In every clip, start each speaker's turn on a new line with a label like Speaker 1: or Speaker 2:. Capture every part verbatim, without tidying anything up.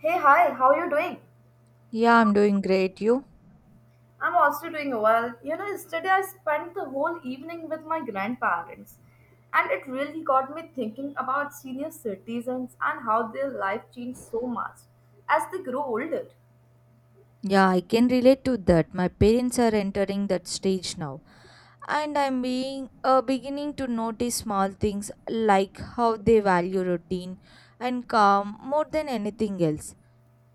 Speaker 1: Hey, hi, how you doing?
Speaker 2: Yeah, I'm doing great. You?
Speaker 1: I'm also doing well. You know, yesterday I spent the whole evening with my grandparents, and it really got me thinking about senior citizens and how their life changed so much as they grow older.
Speaker 2: Yeah, I can relate to that. My parents are entering that stage now. And I'm being uh, beginning to notice small things like how they value routine and calm more than anything else.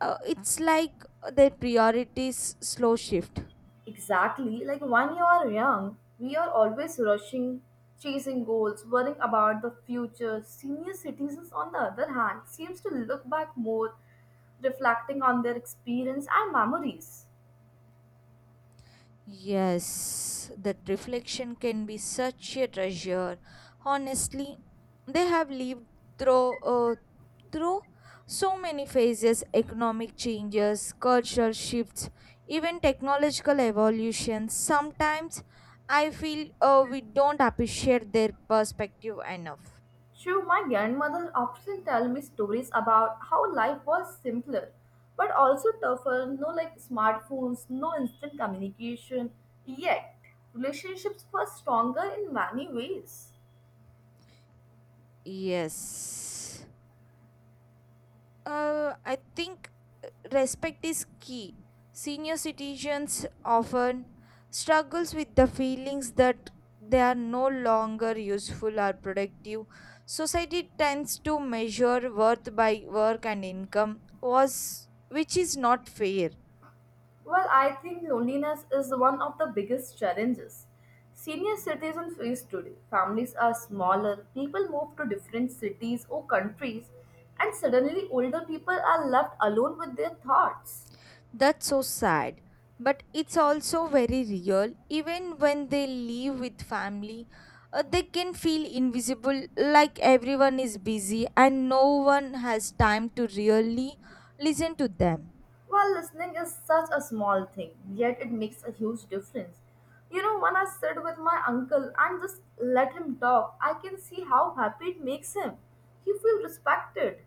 Speaker 2: Uh, it's like their priorities slow shift.
Speaker 1: Exactly, like when you are young, we are always rushing, chasing goals, worrying about the future. Senior citizens, on the other hand, seems to look back more, reflecting on their experience and memories.
Speaker 2: Yes, that reflection can be such a treasure. Honestly, they have lived through uh, through so many phases, economic changes, cultural shifts, even technological evolution. Sometimes I feel, uh, we don't appreciate their perspective enough.
Speaker 1: True, my grandmother often tell me stories about how life was simpler, but also tougher. No like smartphones, no instant communication. Yet, relationships were stronger in many ways.
Speaker 2: Yes. Uh, I think, uh, respect is key. Senior citizens often struggles with the feelings that they are no longer useful or productive. Society tends to measure worth by work and income was which is not fair.
Speaker 1: Well, I think loneliness is one of the biggest challenges senior citizens face today. Families are smaller, people move to different cities or countries, and suddenly older people are left alone with their thoughts.
Speaker 2: That's so sad, but it's also very real. Even when they live with family, uh, they can feel invisible, like everyone is busy and no one has time to really listen to them.
Speaker 1: Well, listening is such a small thing, yet it makes a huge difference. You know, when I sit with my uncle and just let him talk, I can see how happy it makes him. He feels respected.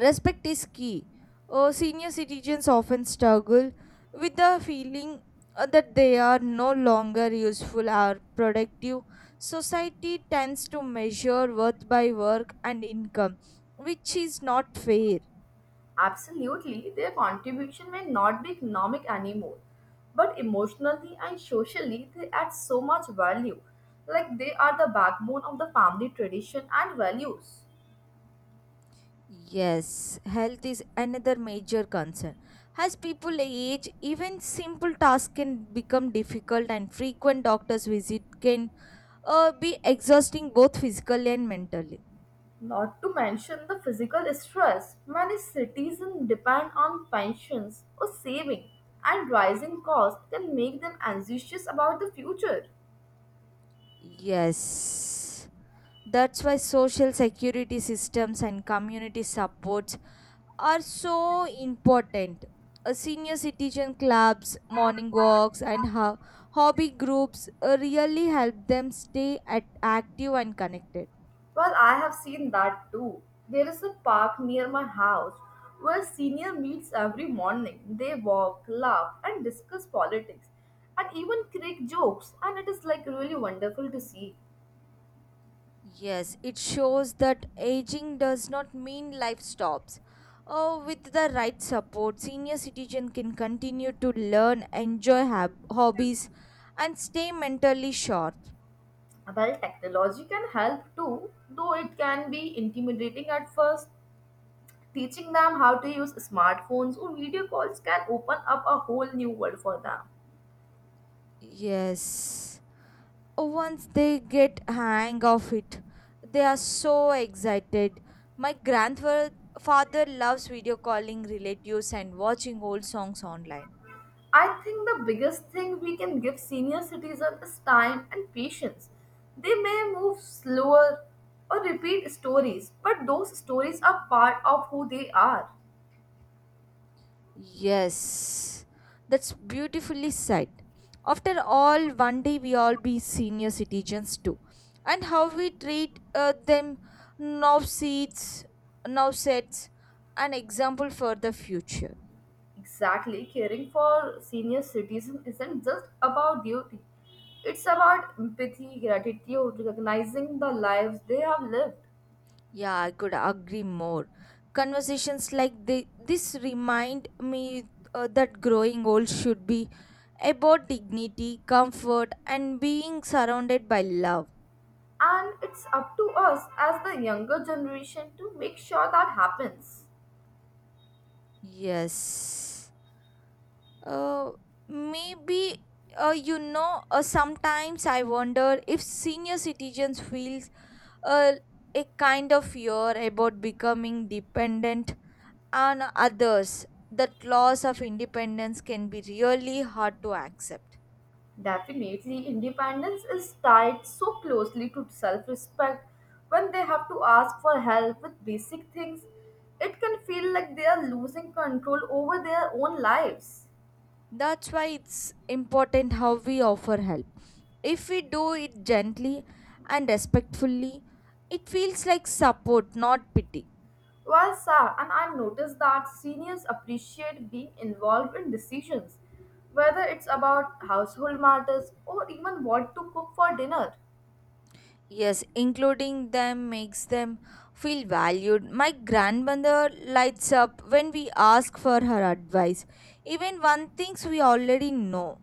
Speaker 2: Respect is key. Uh, senior citizens often struggle with the feeling, uh, that they are no longer useful or productive. Society tends to measure worth by work and income, which is not fair.
Speaker 1: Absolutely, their contribution may not be economic anymore, but emotionally and socially, they add so much value. Like they are the backbone of the family tradition and values.
Speaker 2: Yes, health is another major concern. As people age, even simple tasks can become difficult, and frequent doctor's visit can, uh, be exhausting both physically and mentally.
Speaker 1: Not to mention the physical stress, many citizens depend on pensions or saving, and rising costs can make them anxious about the future.
Speaker 2: Yes, that's why social security systems and community supports are so important. Uh, senior citizen clubs, morning walks, and ho- hobby groups, uh, really help them stay at active and connected.
Speaker 1: Well, I have seen that too. There is a park near my house where senior meets every morning. They walk, laugh, and discuss politics, and even crack jokes, and it is like really wonderful to see.
Speaker 2: Yes, it shows that aging does not mean life stops. Oh, with the right support, senior citizen can continue to learn, enjoy hab- hobbies, and stay mentally sharp.
Speaker 1: Well, technology can help too, though it can be intimidating at first. Teaching them how to use smartphones or video calls can open up a whole new world for them.
Speaker 2: Yes, once they get hang of it, they are so excited. My grandfather father loves video calling relatives and watching old songs online.
Speaker 1: I think the biggest thing we can give senior citizens is time and patience. They may move slower or repeat stories, but those stories are part of who they are.
Speaker 2: Yes, that's beautifully said. After all, one day we all be senior citizens too, and how we treat, uh, them now seats, now sets an example for the future.
Speaker 1: Exactly, caring for senior citizens isn't just about duty. It's about empathy, gratitude, recognizing the lives they have lived.
Speaker 2: Yeah, I could agree more. Conversations like the this remind me, uh, that growing old should be about dignity, comfort, and being surrounded by love.
Speaker 1: And it's up to us as the younger generation to make sure that happens.
Speaker 2: Yes. Uh, Maybe, uh, you know uh, sometimes I wonder if senior citizens feels, uh, a kind of fear about becoming dependent on others, that loss of independence can be really hard to accept.
Speaker 1: Definitely, independence is tied so closely to self respect. When they have to ask for help with basic things, it can feel like they are losing control over their own lives.
Speaker 2: That's why it's important how we offer help. If we do it gently and respectfully, it feels like support, not pity.
Speaker 1: Well, sir, and I've noticed that seniors appreciate being involved in decisions, whether it's about household matters or even what to cook for dinner.
Speaker 2: Yes, including them makes them feel valued. My grandmother lights up when we ask for her advice, even one things we already know.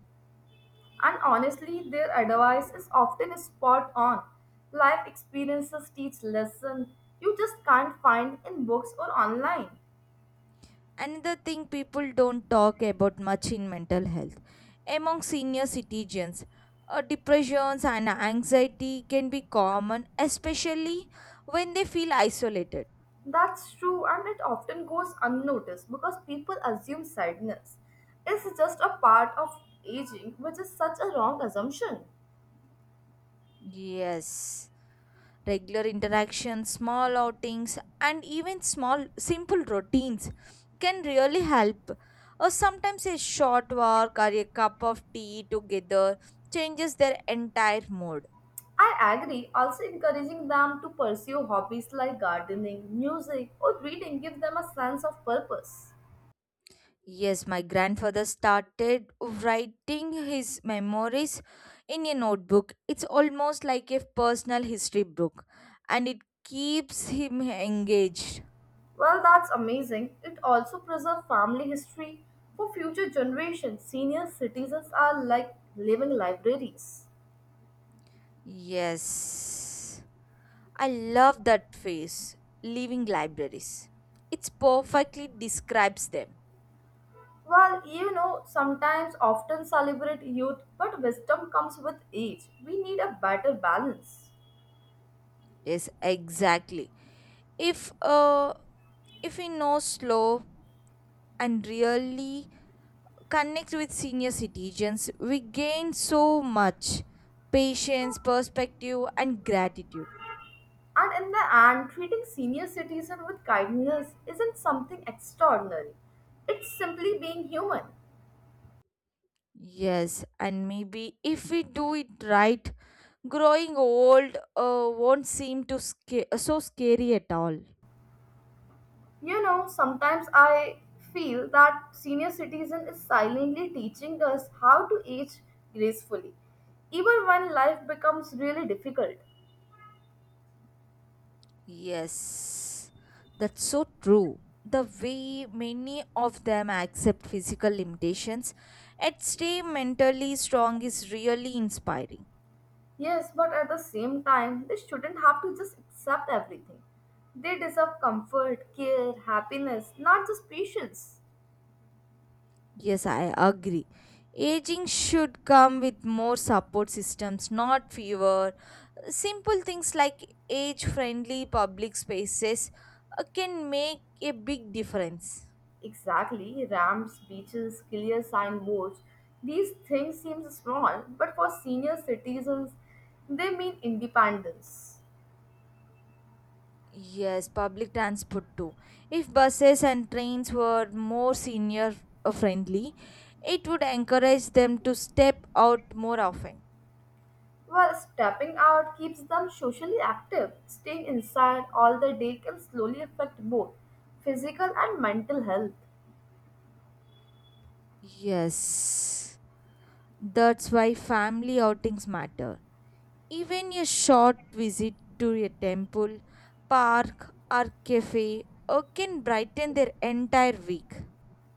Speaker 1: And honestly, their advice is often spot on. Life experiences teach lessons you just can't find in books or online.
Speaker 2: Another thing people don't talk about much in mental health. Among senior citizens, uh, depressions and anxiety can be common, especially when they feel isolated.
Speaker 1: That's true, and it often goes unnoticed because people assume sadness is just a part of aging, which is such a wrong assumption.
Speaker 2: Yes. Regular interactions, small outings, and even small simple routines can really help. Or sometimes a short walk or a cup of tea together changes their entire mood.
Speaker 1: I agree, also encouraging them to pursue hobbies like gardening, music, or reading give them a sense of purpose.
Speaker 2: Yes, my grandfather started writing his memories in a notebook. It's almost like a personal history book, and it keeps him engaged.
Speaker 1: Well, that's amazing. It also preserves family history for future generations. Senior citizens are like living libraries.
Speaker 2: Yes, I love that phrase, living libraries. It's perfectly describes them.
Speaker 1: Well, you know, sometimes often celebrate youth, but wisdom comes with age. We need a better balance.
Speaker 2: Yes, exactly. If uh, if we know slow and really connect with senior citizens, we gain so much patience, perspective, and gratitude.
Speaker 1: And in the end, treating senior citizen with kindness isn't something extraordinary. It's simply being human.
Speaker 2: Yes, and maybe if we do it right, growing old, uh, won't seem to sca- so scary at all.
Speaker 1: You know, sometimes I feel that senior citizen is silently teaching us how to age gracefully, even when life becomes really difficult.
Speaker 2: Yes, that's so true. The way many of them accept physical limitations and stay mentally strong is really inspiring.
Speaker 1: Yes, but at the same time, they shouldn't have to just accept everything. They deserve comfort, care, happiness, not just patience.
Speaker 2: Yes, I agree. Aging should come with more support systems, not fewer. Simple things like age friendly public spaces, uh, can make a big difference.
Speaker 1: Exactly, ramps, beaches, clear signboards. These things seem small, but for senior citizens, they mean independence.
Speaker 2: Yes, public transport too. If buses and trains were more senior, uh, friendly, it would encourage them to step out more often.
Speaker 1: Well, stepping out keeps them socially active. Staying inside all the day can slowly affect both physical and mental health.
Speaker 2: Yes, that's why family outings matter. Even a short visit to a temple, park, or cafe, uh, can brighten their entire week.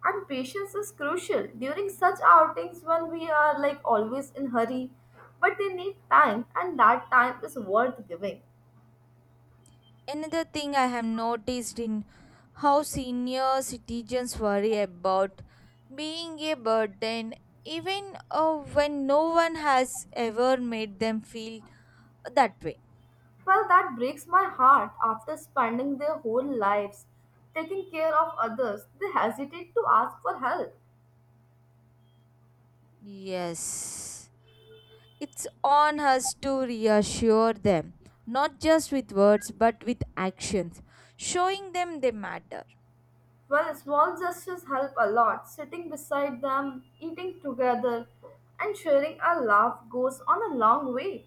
Speaker 1: And patience is crucial during such outings when we are like always in hurry, but they need time and that time is worth giving.
Speaker 2: Another thing I have noticed in how senior citizens worry about being a burden, even, uh, when no one has ever made them feel that way.
Speaker 1: Well, that breaks my heart after spending their whole lives taking care of others, they hesitate to ask for help.
Speaker 2: Yes, it's on us to reassure them, not just with words but with actions, showing them they matter.
Speaker 1: Well, small gestures help a lot. Sitting beside them, eating together, and sharing a laugh goes on a long way.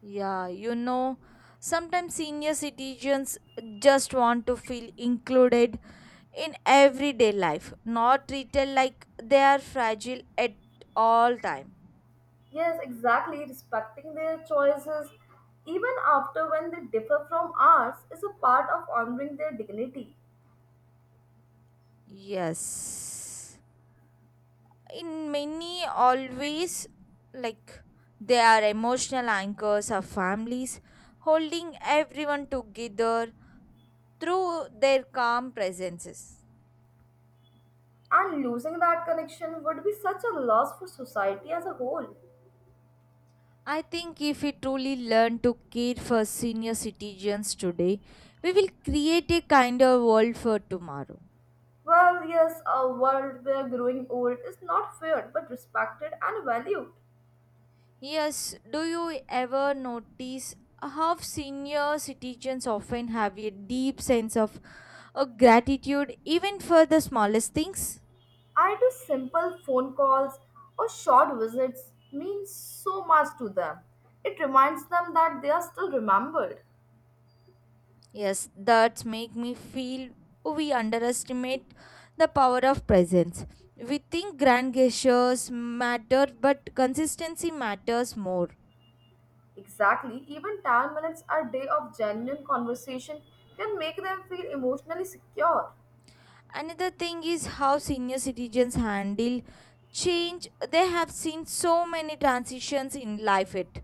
Speaker 2: Yeah, you know, sometimes senior citizens just want to feel included in everyday life, not treated like they are fragile at all time.
Speaker 1: Yes, exactly. Respecting their choices, even after when they differ from ours, is a part of honoring their dignity.
Speaker 2: Yes, in many always, like, they are emotional anchors of families, holding everyone together through their calm presences.
Speaker 1: And losing that connection would be such a loss for society as a whole.
Speaker 2: I think if we truly learn to care for senior citizens today, we will create a kinder world for tomorrow.
Speaker 1: Well, yes, a world where growing old is not feared but respected and valued.
Speaker 2: Yes, do you ever notice how senior citizens often have a deep sense of, uh, gratitude even for the smallest things?
Speaker 1: I do simple phone calls or short visits mean so much to them. It reminds them that they are still remembered.
Speaker 2: Yes, that make me feel we underestimate the power of presence. We think grand gestures matter, but consistency matters more.
Speaker 1: Exactly, even ten minutes a day of genuine conversation can make them feel emotionally secure.
Speaker 2: Another thing is how senior citizens handle change. They have seen so many transitions in life. It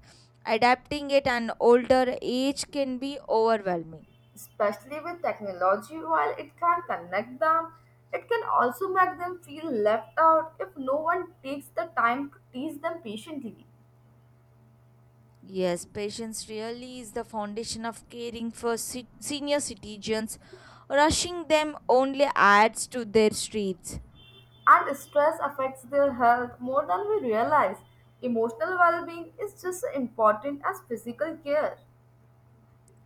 Speaker 2: adapting at an older age can be overwhelming.
Speaker 1: Especially with technology, while it can connect them, it can also make them feel left out if no one takes the time to teach them patiently.
Speaker 2: Yes, patience really is the foundation of caring for ci- senior citizens. Rushing them only adds to their streets.
Speaker 1: And stress affects their health more than we realize. Emotional well being is just as important as physical care.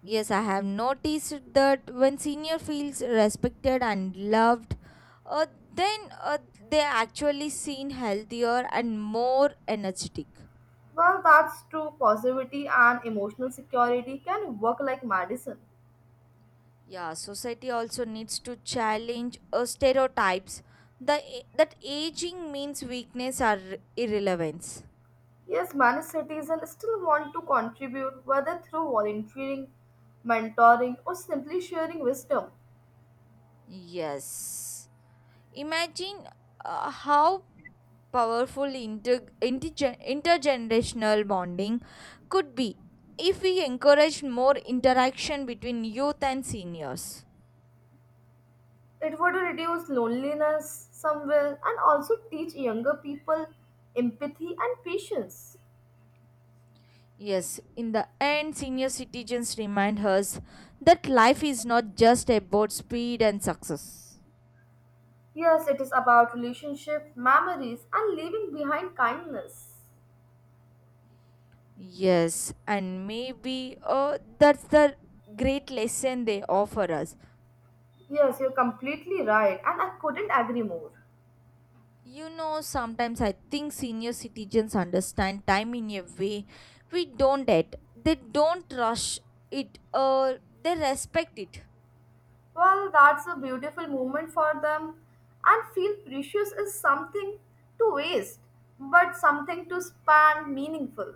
Speaker 2: Yes, I have noticed that when senior feels respected and loved, uh, then uh, they actually seem healthier and more energetic.
Speaker 1: Well, that's true. Positivity and emotional security can work like medicine.
Speaker 2: Yeah, society also needs to challenge, uh, stereotypes the, a- that aging means weakness or irrelevance.
Speaker 1: Yes, many citizens still want to contribute, whether through volunteering, mentoring, or simply sharing wisdom.
Speaker 2: Yes. Imagine, uh, how powerful inter- intergen- intergenerational bonding could be if we encourage more interaction between youth and seniors.
Speaker 1: It would reduce loneliness somewhere and also teach younger people empathy and patience.
Speaker 2: Yes, in the end, senior citizens remind us that life is not just about speed and success.
Speaker 1: Yes, it is about relationship, memories, and leaving behind kindness.
Speaker 2: Yes, and maybe, uh, that's the great lesson they offer us.
Speaker 1: Yes, you're completely right, and I couldn't agree more.
Speaker 2: You know, sometimes I think senior citizens understand time in a way we don't at. They don't rush it, or they respect it.
Speaker 1: Well, that's a beautiful moment for them, and feel precious is something to waste, but something to span meaningful.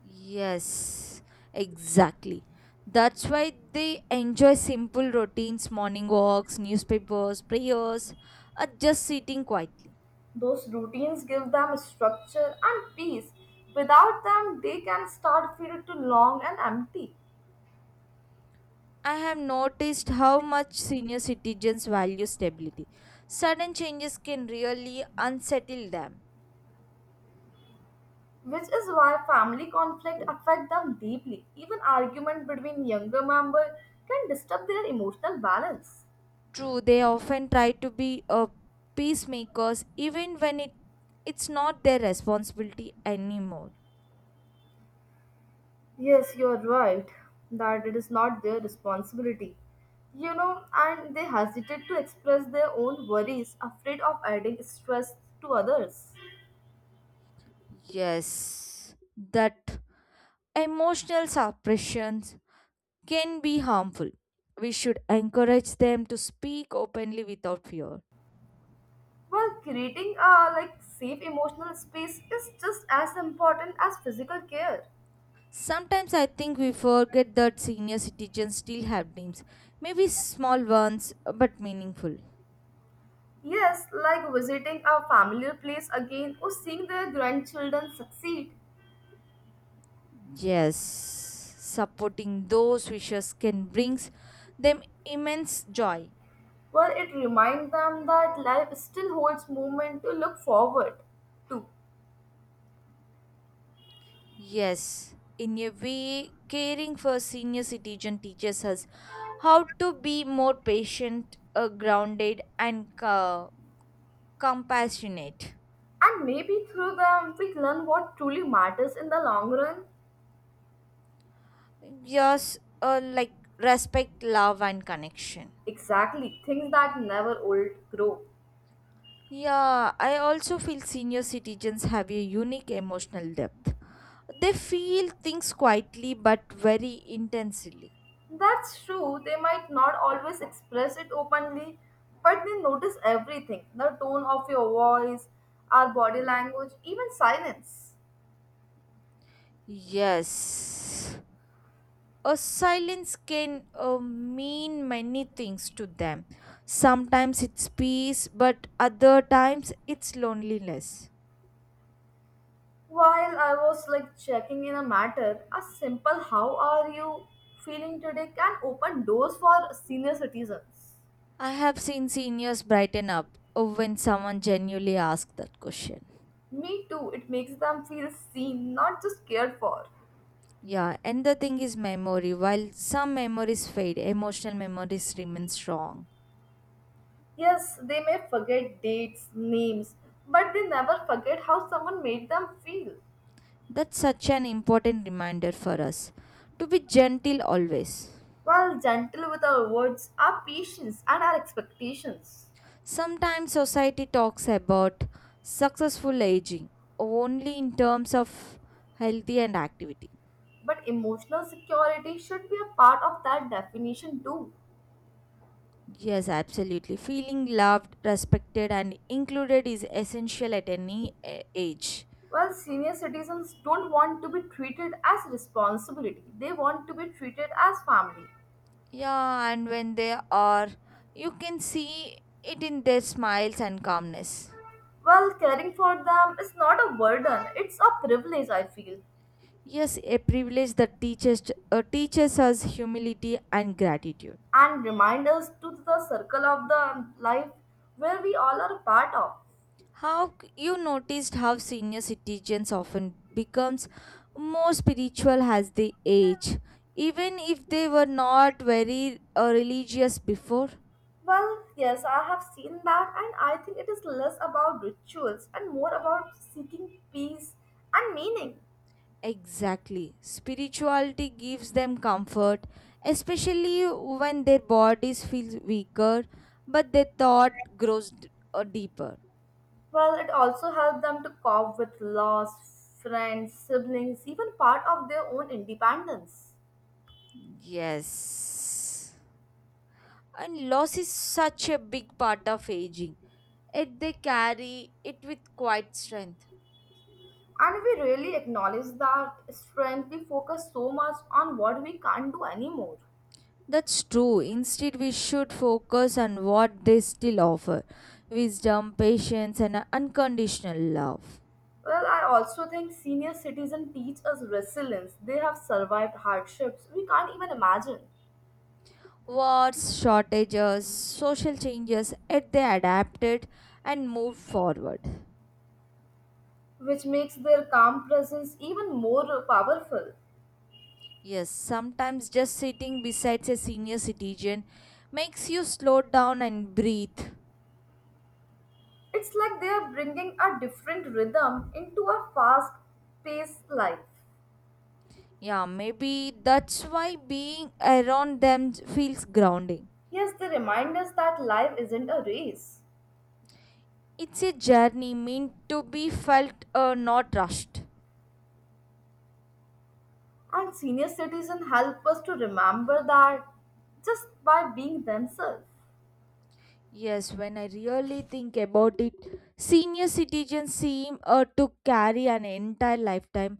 Speaker 2: Yes, exactly. That's why they enjoy simple routines, morning walks, newspapers, prayers, or just sitting quietly.
Speaker 1: Those routines give them structure and peace. Without them, they can start feel too long and empty.
Speaker 2: I have noticed how much senior citizens value stability. Sudden changes can really unsettle them.
Speaker 1: Which is why family conflict affect them deeply. Even argument between younger members can disturb their emotional balance.
Speaker 2: True, they often try to be, uh, peacemakers even when it, it's not their responsibility anymore.
Speaker 1: Yes, you are right that it is not their responsibility. You know, and they hesitate to express their own worries, afraid of adding stress to others.
Speaker 2: Yes, that emotional suppressions can be harmful. We should encourage them to speak openly without fear.
Speaker 1: Well, creating a like safe emotional space is just as important as physical care.
Speaker 2: Sometimes I think we forget that senior citizens still have dreams, maybe small ones but meaningful.
Speaker 1: Yes, like visiting a familiar place again or seeing their grandchildren succeed.
Speaker 2: Yes, supporting those wishes can bring them immense joy.
Speaker 1: Well, it reminds them that life still holds moment to look forward to.
Speaker 2: Yes, in a way, caring for senior citizen teaches us how to be more patient, uh, grounded, and, uh, compassionate.
Speaker 1: And maybe through them we learn what truly matters in the long run.
Speaker 2: Yes, uh, like respect, love, and connection.
Speaker 1: Exactly, things that never old grow.
Speaker 2: Yeah, I also feel senior citizens have a unique emotional depth. They feel things quietly but very intensely.
Speaker 1: That's true, they might not always express it openly, but they notice everything the tone of your voice, our body language, even silence.
Speaker 2: Yes. A silence can, uh, mean many things to them. Sometimes it's peace, but other times it's loneliness.
Speaker 1: While I was like checking in a matter, a simple how are you feeling today can open doors for senior citizens.
Speaker 2: I have seen seniors brighten up, uh, when someone genuinely asks that question.
Speaker 1: Me too, it makes them feel seen, not just cared for.
Speaker 2: Yeah, and the thing is memory. While some memories fade, emotional memories remain strong.
Speaker 1: Yes, they may forget dates, names, but they never forget how someone made them feel.
Speaker 2: That's such an important reminder for us to be gentle always.
Speaker 1: While gentle with our words, our patience, and our expectations.
Speaker 2: Sometimes society talks about successful aging only in terms of healthy and activity.
Speaker 1: But emotional security should be a part of that definition too.
Speaker 2: Yes, absolutely. Feeling loved, respected, and included is essential at any a- age.
Speaker 1: Well, senior citizens don't want to be treated as responsibility. They want to be treated as family.
Speaker 2: Yeah, and when they are, you can see it in their smiles and calmness.
Speaker 1: Well, caring for them is not a burden, it's a privilege, I feel,
Speaker 2: Yes, a privilege that teaches uh, teaches us humility and gratitude.
Speaker 1: and remind us to the circle of the life where we all are a part of.
Speaker 2: How c- you noticed how senior citizens often becomes more spiritual as they age, even if they were not very, uh, religious before?
Speaker 1: Well, yes, I have seen that, and I think it is less about rituals and more about seeking peace and meaning.
Speaker 2: Exactly. Spirituality gives them comfort, especially when their bodies feel weaker, but their thought grows d- uh, deeper.
Speaker 1: Well, it also helped them to cope with loss, friends, siblings, even part of their own independence.
Speaker 2: Yes. And loss is such a big part of aging. Yet they carry it with quite strength.
Speaker 1: And we really acknowledge that strength, we focus so much on what we can't do anymore.
Speaker 2: That's true. Instead, we should focus on what they still offer wisdom, patience, and unconditional love.
Speaker 1: Well, I also think senior citizens teach us resilience. They have survived hardships we can't even imagine,
Speaker 2: Wars, shortages, social changes, yet they adapted and moved forward.
Speaker 1: which makes their calm presence even more powerful.
Speaker 2: Yes, sometimes just sitting beside a senior citizen makes you slow down and breathe.
Speaker 1: It's like they are bringing a different rhythm into a fast paced life.
Speaker 2: Yeah, maybe that's why being around them feels grounding.
Speaker 1: Yes, they remind us that life isn't a race.
Speaker 2: It's a journey meant to be felt, uh, not rushed.
Speaker 1: And senior citizens help us to remember that just by being themselves.
Speaker 2: Yes, when I really think about it, senior citizens seem, uh, to carry an entire lifetime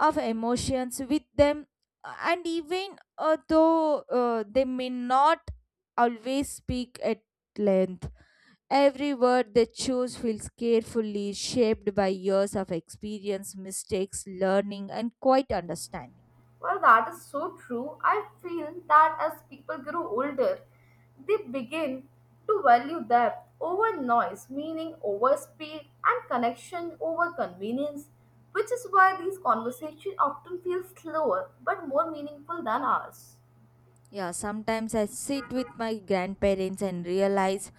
Speaker 2: of emotions with them, uh, and even uh, though uh, they may not always speak at length, every word they choose feels carefully shaped by years of experience, mistakes, learning, and quite understanding.
Speaker 1: Well, that is so true. I feel that as people grow older, they begin to value depth over noise, meaning over speed, and connection over convenience, which is why these conversations often feel slower but more meaningful than ours.
Speaker 2: Yeah, sometimes I sit with my grandparents and realize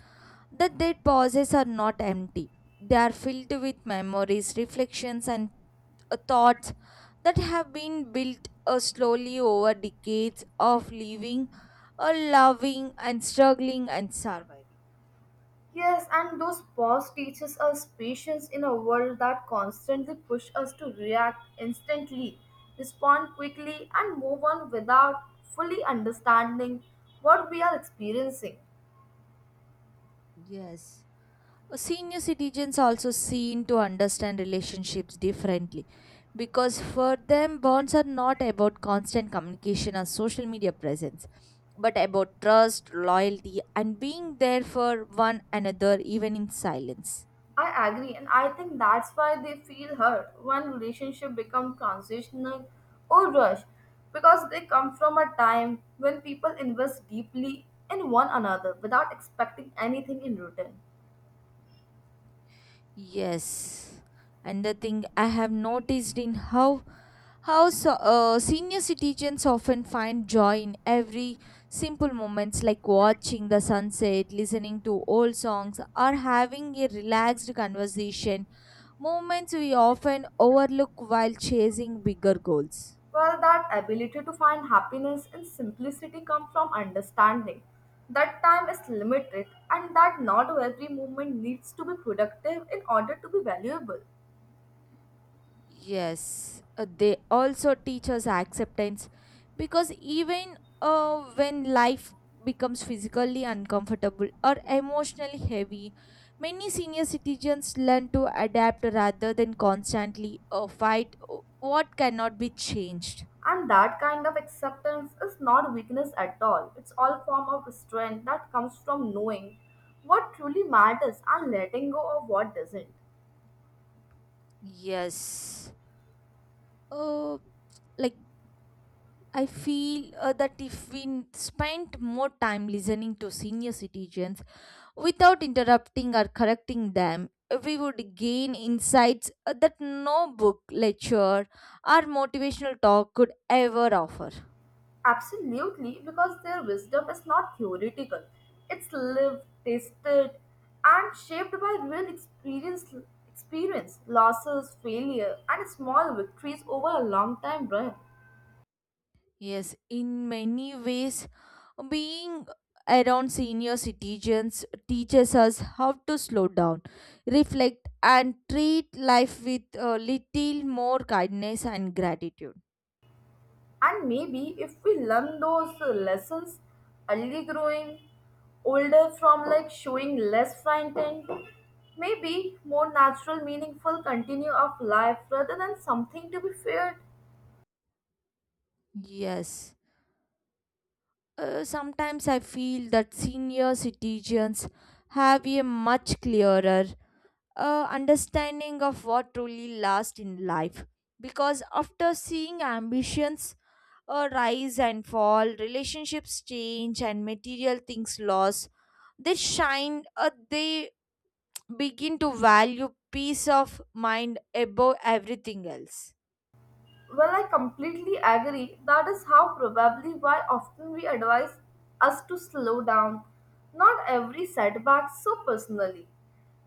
Speaker 2: the dead pauses are not empty. They are filled with memories, reflections, and, uh, thoughts that have been built, uh, slowly over decades of living, uh, loving, and struggling and surviving.
Speaker 1: Yes, and those pause teaches us patience in a world that constantly push us to react instantly, respond quickly, and move on without fully understanding what we are experiencing.
Speaker 2: Yes. Senior citizens also seem to understand relationships differently, because for them, bonds are not about constant communication or social media presence, but about trust, loyalty, and being there for one another even in silence.
Speaker 1: I agree, and I think that's why they feel hurt when relationship become transitional or rushed, because they come from a time when people invest deeply in one another without expecting anything in return.
Speaker 2: Yes, and the thing I have noticed in how how so, uh, senior citizens often find joy in every simple moments like watching the sunset, listening to old songs, or having a relaxed conversation. Moments we often overlook while chasing bigger goals.
Speaker 1: Well, that ability to find happiness in simplicity comes from understanding that time is limited and that not every moment needs to be productive in order to be valuable.
Speaker 2: Yes, uh, they also teach us acceptance because even, uh, when life becomes physically uncomfortable or emotionally heavy, many senior citizens learn to adapt rather than constantly, uh, fight o- what cannot be changed.
Speaker 1: And that kind of acceptance is not weakness at all. It's all form of strength that comes from knowing what truly matters and letting go of what doesn't.
Speaker 2: Yes, uh, like, I feel uh, that if we n- spent more time listening to senior citizens without interrupting or correcting them, we would gain insights uh, that no book, lecture, or motivational talk could ever offer.
Speaker 1: Absolutely, because their wisdom is not theoretical. It's lived, tasted, and shaped by real experience, experience, losses, failure, and small victories over a long time run.
Speaker 2: Yes, in many ways, being around senior citizens teaches us how to slow down, reflect, and treat life with a little more kindness and gratitude.
Speaker 1: And maybe if we learn those uh, lessons early growing older from like showing less frightened, maybe more natural, meaningful continue of life rather than something to be feared.
Speaker 2: Yes, uh, sometimes I feel that senior citizens have a much clearer uh, understanding of what truly lasts in life. Because after seeing ambitions uh, rise and fall, relationships change, and material things lost, they shine, uh, they begin to value peace of mind above everything else.
Speaker 1: Well, I completely agree. That is how probably why often we advise us to slow down. Not every setback so personally.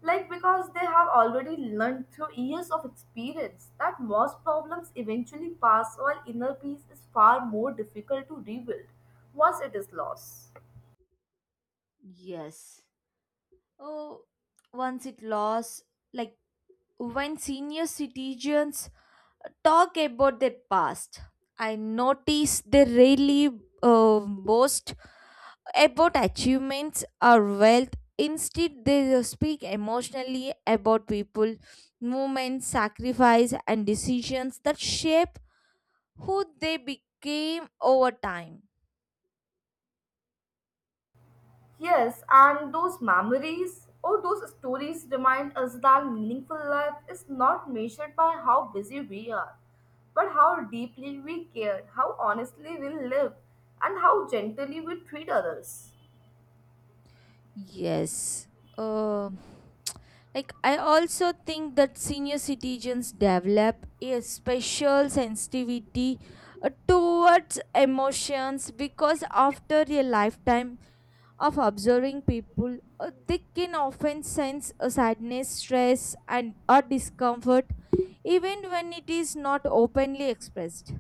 Speaker 1: Like because they have already learned through years of experience that most problems eventually pass while inner peace is far more difficult to rebuild once it is lost.
Speaker 2: Yes. Oh, once it lost, like when senior citizens talk about their past, I notice they really uh, boast about achievements or wealth. Instead, they speak emotionally about people, movements, sacrifice, and decisions that shape who they became over time.
Speaker 1: Yes, and those memories or those stories remind us that meaningful life is not measured by how busy we are, but how deeply we care, how honestly we live, and how gently we treat others.
Speaker 2: Yes. Uh, like, I also think that senior citizens develop a special sensitivity uh, towards emotions because after a lifetime of observing people, uh, they can often sense a sadness, stress, and or discomfort, even when it is not openly expressed.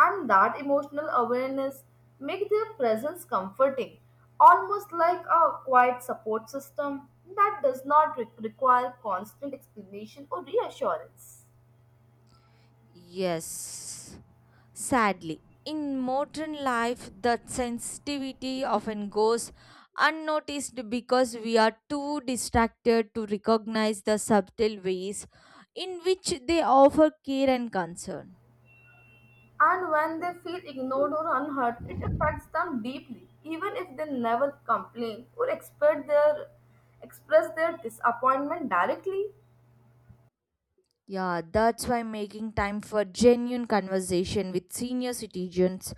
Speaker 1: And that emotional awareness make their presence comforting, almost like a quiet support system that does not re- require constant explanation or reassurance.
Speaker 2: Yes, sadly, in modern life, that sensitivity often goes unnoticed because we are too distracted to recognize the subtle ways in which they offer care and concern.
Speaker 1: And when they feel ignored or unheard, it affects them deeply, even if they never complain or express their, express their disappointment directly.
Speaker 2: Yeah, that's why making time for genuine conversation with senior citizens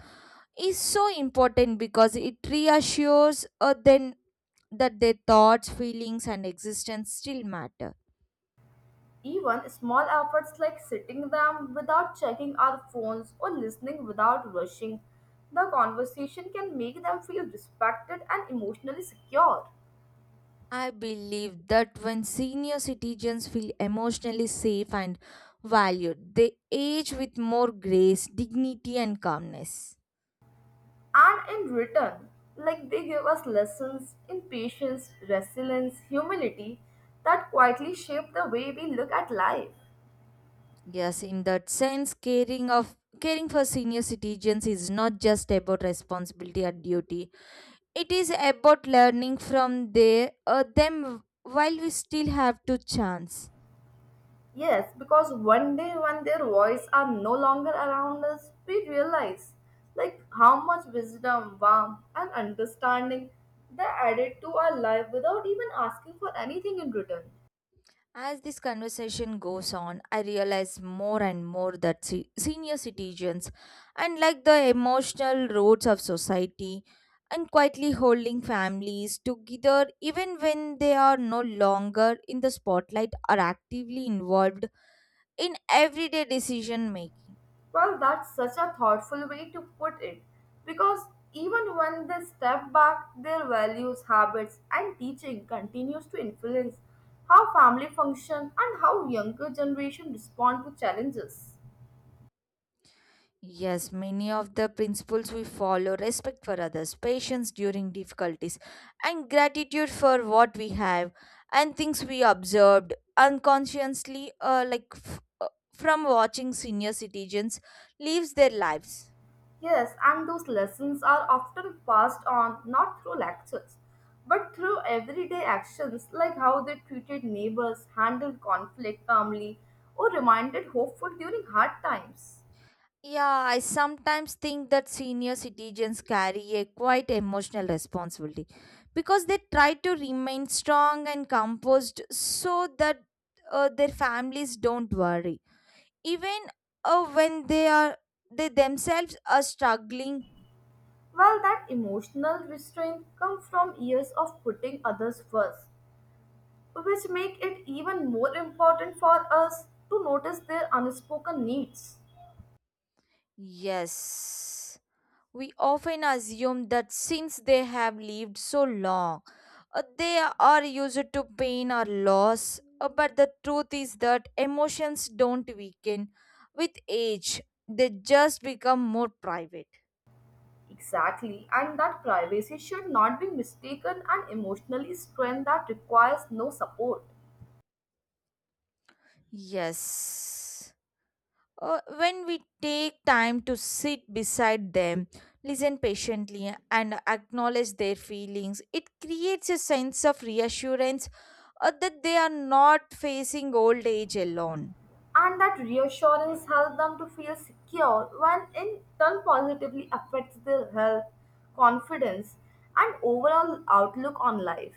Speaker 2: is so important because it reassures uh, them that their thoughts, feelings, and existence still matter.
Speaker 1: Even small efforts like sitting them without checking our phones or listening without rushing, the conversation can make them feel respected and emotionally secure.
Speaker 2: I believe that when senior citizens feel emotionally safe and valued, they age with more grace, dignity, and calmness.
Speaker 1: And in return, like they give us lessons in patience, resilience, humility that quietly shape the way we look at life.
Speaker 2: Yes, in that sense, caring of caring for senior citizens is not just about responsibility or duty. It is about learning from their, uh, them while we still have to chance.
Speaker 1: Yes, because one day when their voice are no longer around us, we realize like how much wisdom, warmth, and understanding they added to our life without even asking for anything in return.
Speaker 2: As this conversation goes on, I realize more and more that se- senior citizens, unlike the emotional roots of society, and quietly holding families together even when they are no longer in the spotlight or actively involved in everyday decision making.
Speaker 1: Well, that's such a thoughtful way to put it because even when they step back, their values, habits, and teaching continues to influence how family function and how younger generation respond to challenges.
Speaker 2: Yes, many of the principles we follow respect for others, patience during difficulties, and gratitude for what we have, and things we observed unconsciously, uh, like f- uh, from watching senior citizens lives their lives.
Speaker 1: Yes, and those lessons are often passed on not through lectures, but through everyday actions like how they treated neighbors, handled conflict calmly, or reminded hopeful during hard times.
Speaker 2: Yeah, I sometimes think that senior citizens carry a quite emotional responsibility because they try to remain strong and composed so that uh, their families don't worry even uh, when they are they themselves are struggling.
Speaker 1: Well, that emotional restraint comes from years of putting others first, which make it even more important for us to notice their unspoken needs.
Speaker 2: Yes, we often assume that since they have lived so long, uh, they are used to pain or loss. Uh, but the truth is that emotions don't weaken with age, they just become more private.
Speaker 1: Exactly, and that privacy should not be mistaken an emotionally strength that requires no support.
Speaker 2: Yes. Uh, when we take time to sit beside them, listen patiently, and acknowledge their feelings, it creates a sense of reassurance uh, that they are not facing old age alone.
Speaker 1: And that reassurance helps them to feel secure when in turn positively affects their health, confidence, and overall outlook on life.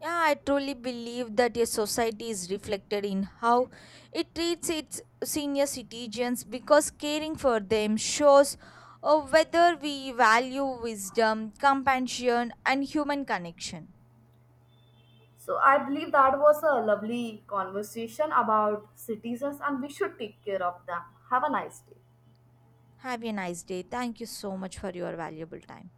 Speaker 2: Yeah, I truly believe that a society is reflected in how it treats its senior citizens because caring for them shows uh, whether we value wisdom, compassion, and human connection.
Speaker 1: So I believe that was a lovely conversation about citizens and we should take care of them. Have a nice day.
Speaker 2: Have a nice day. Thank you so much for your valuable time.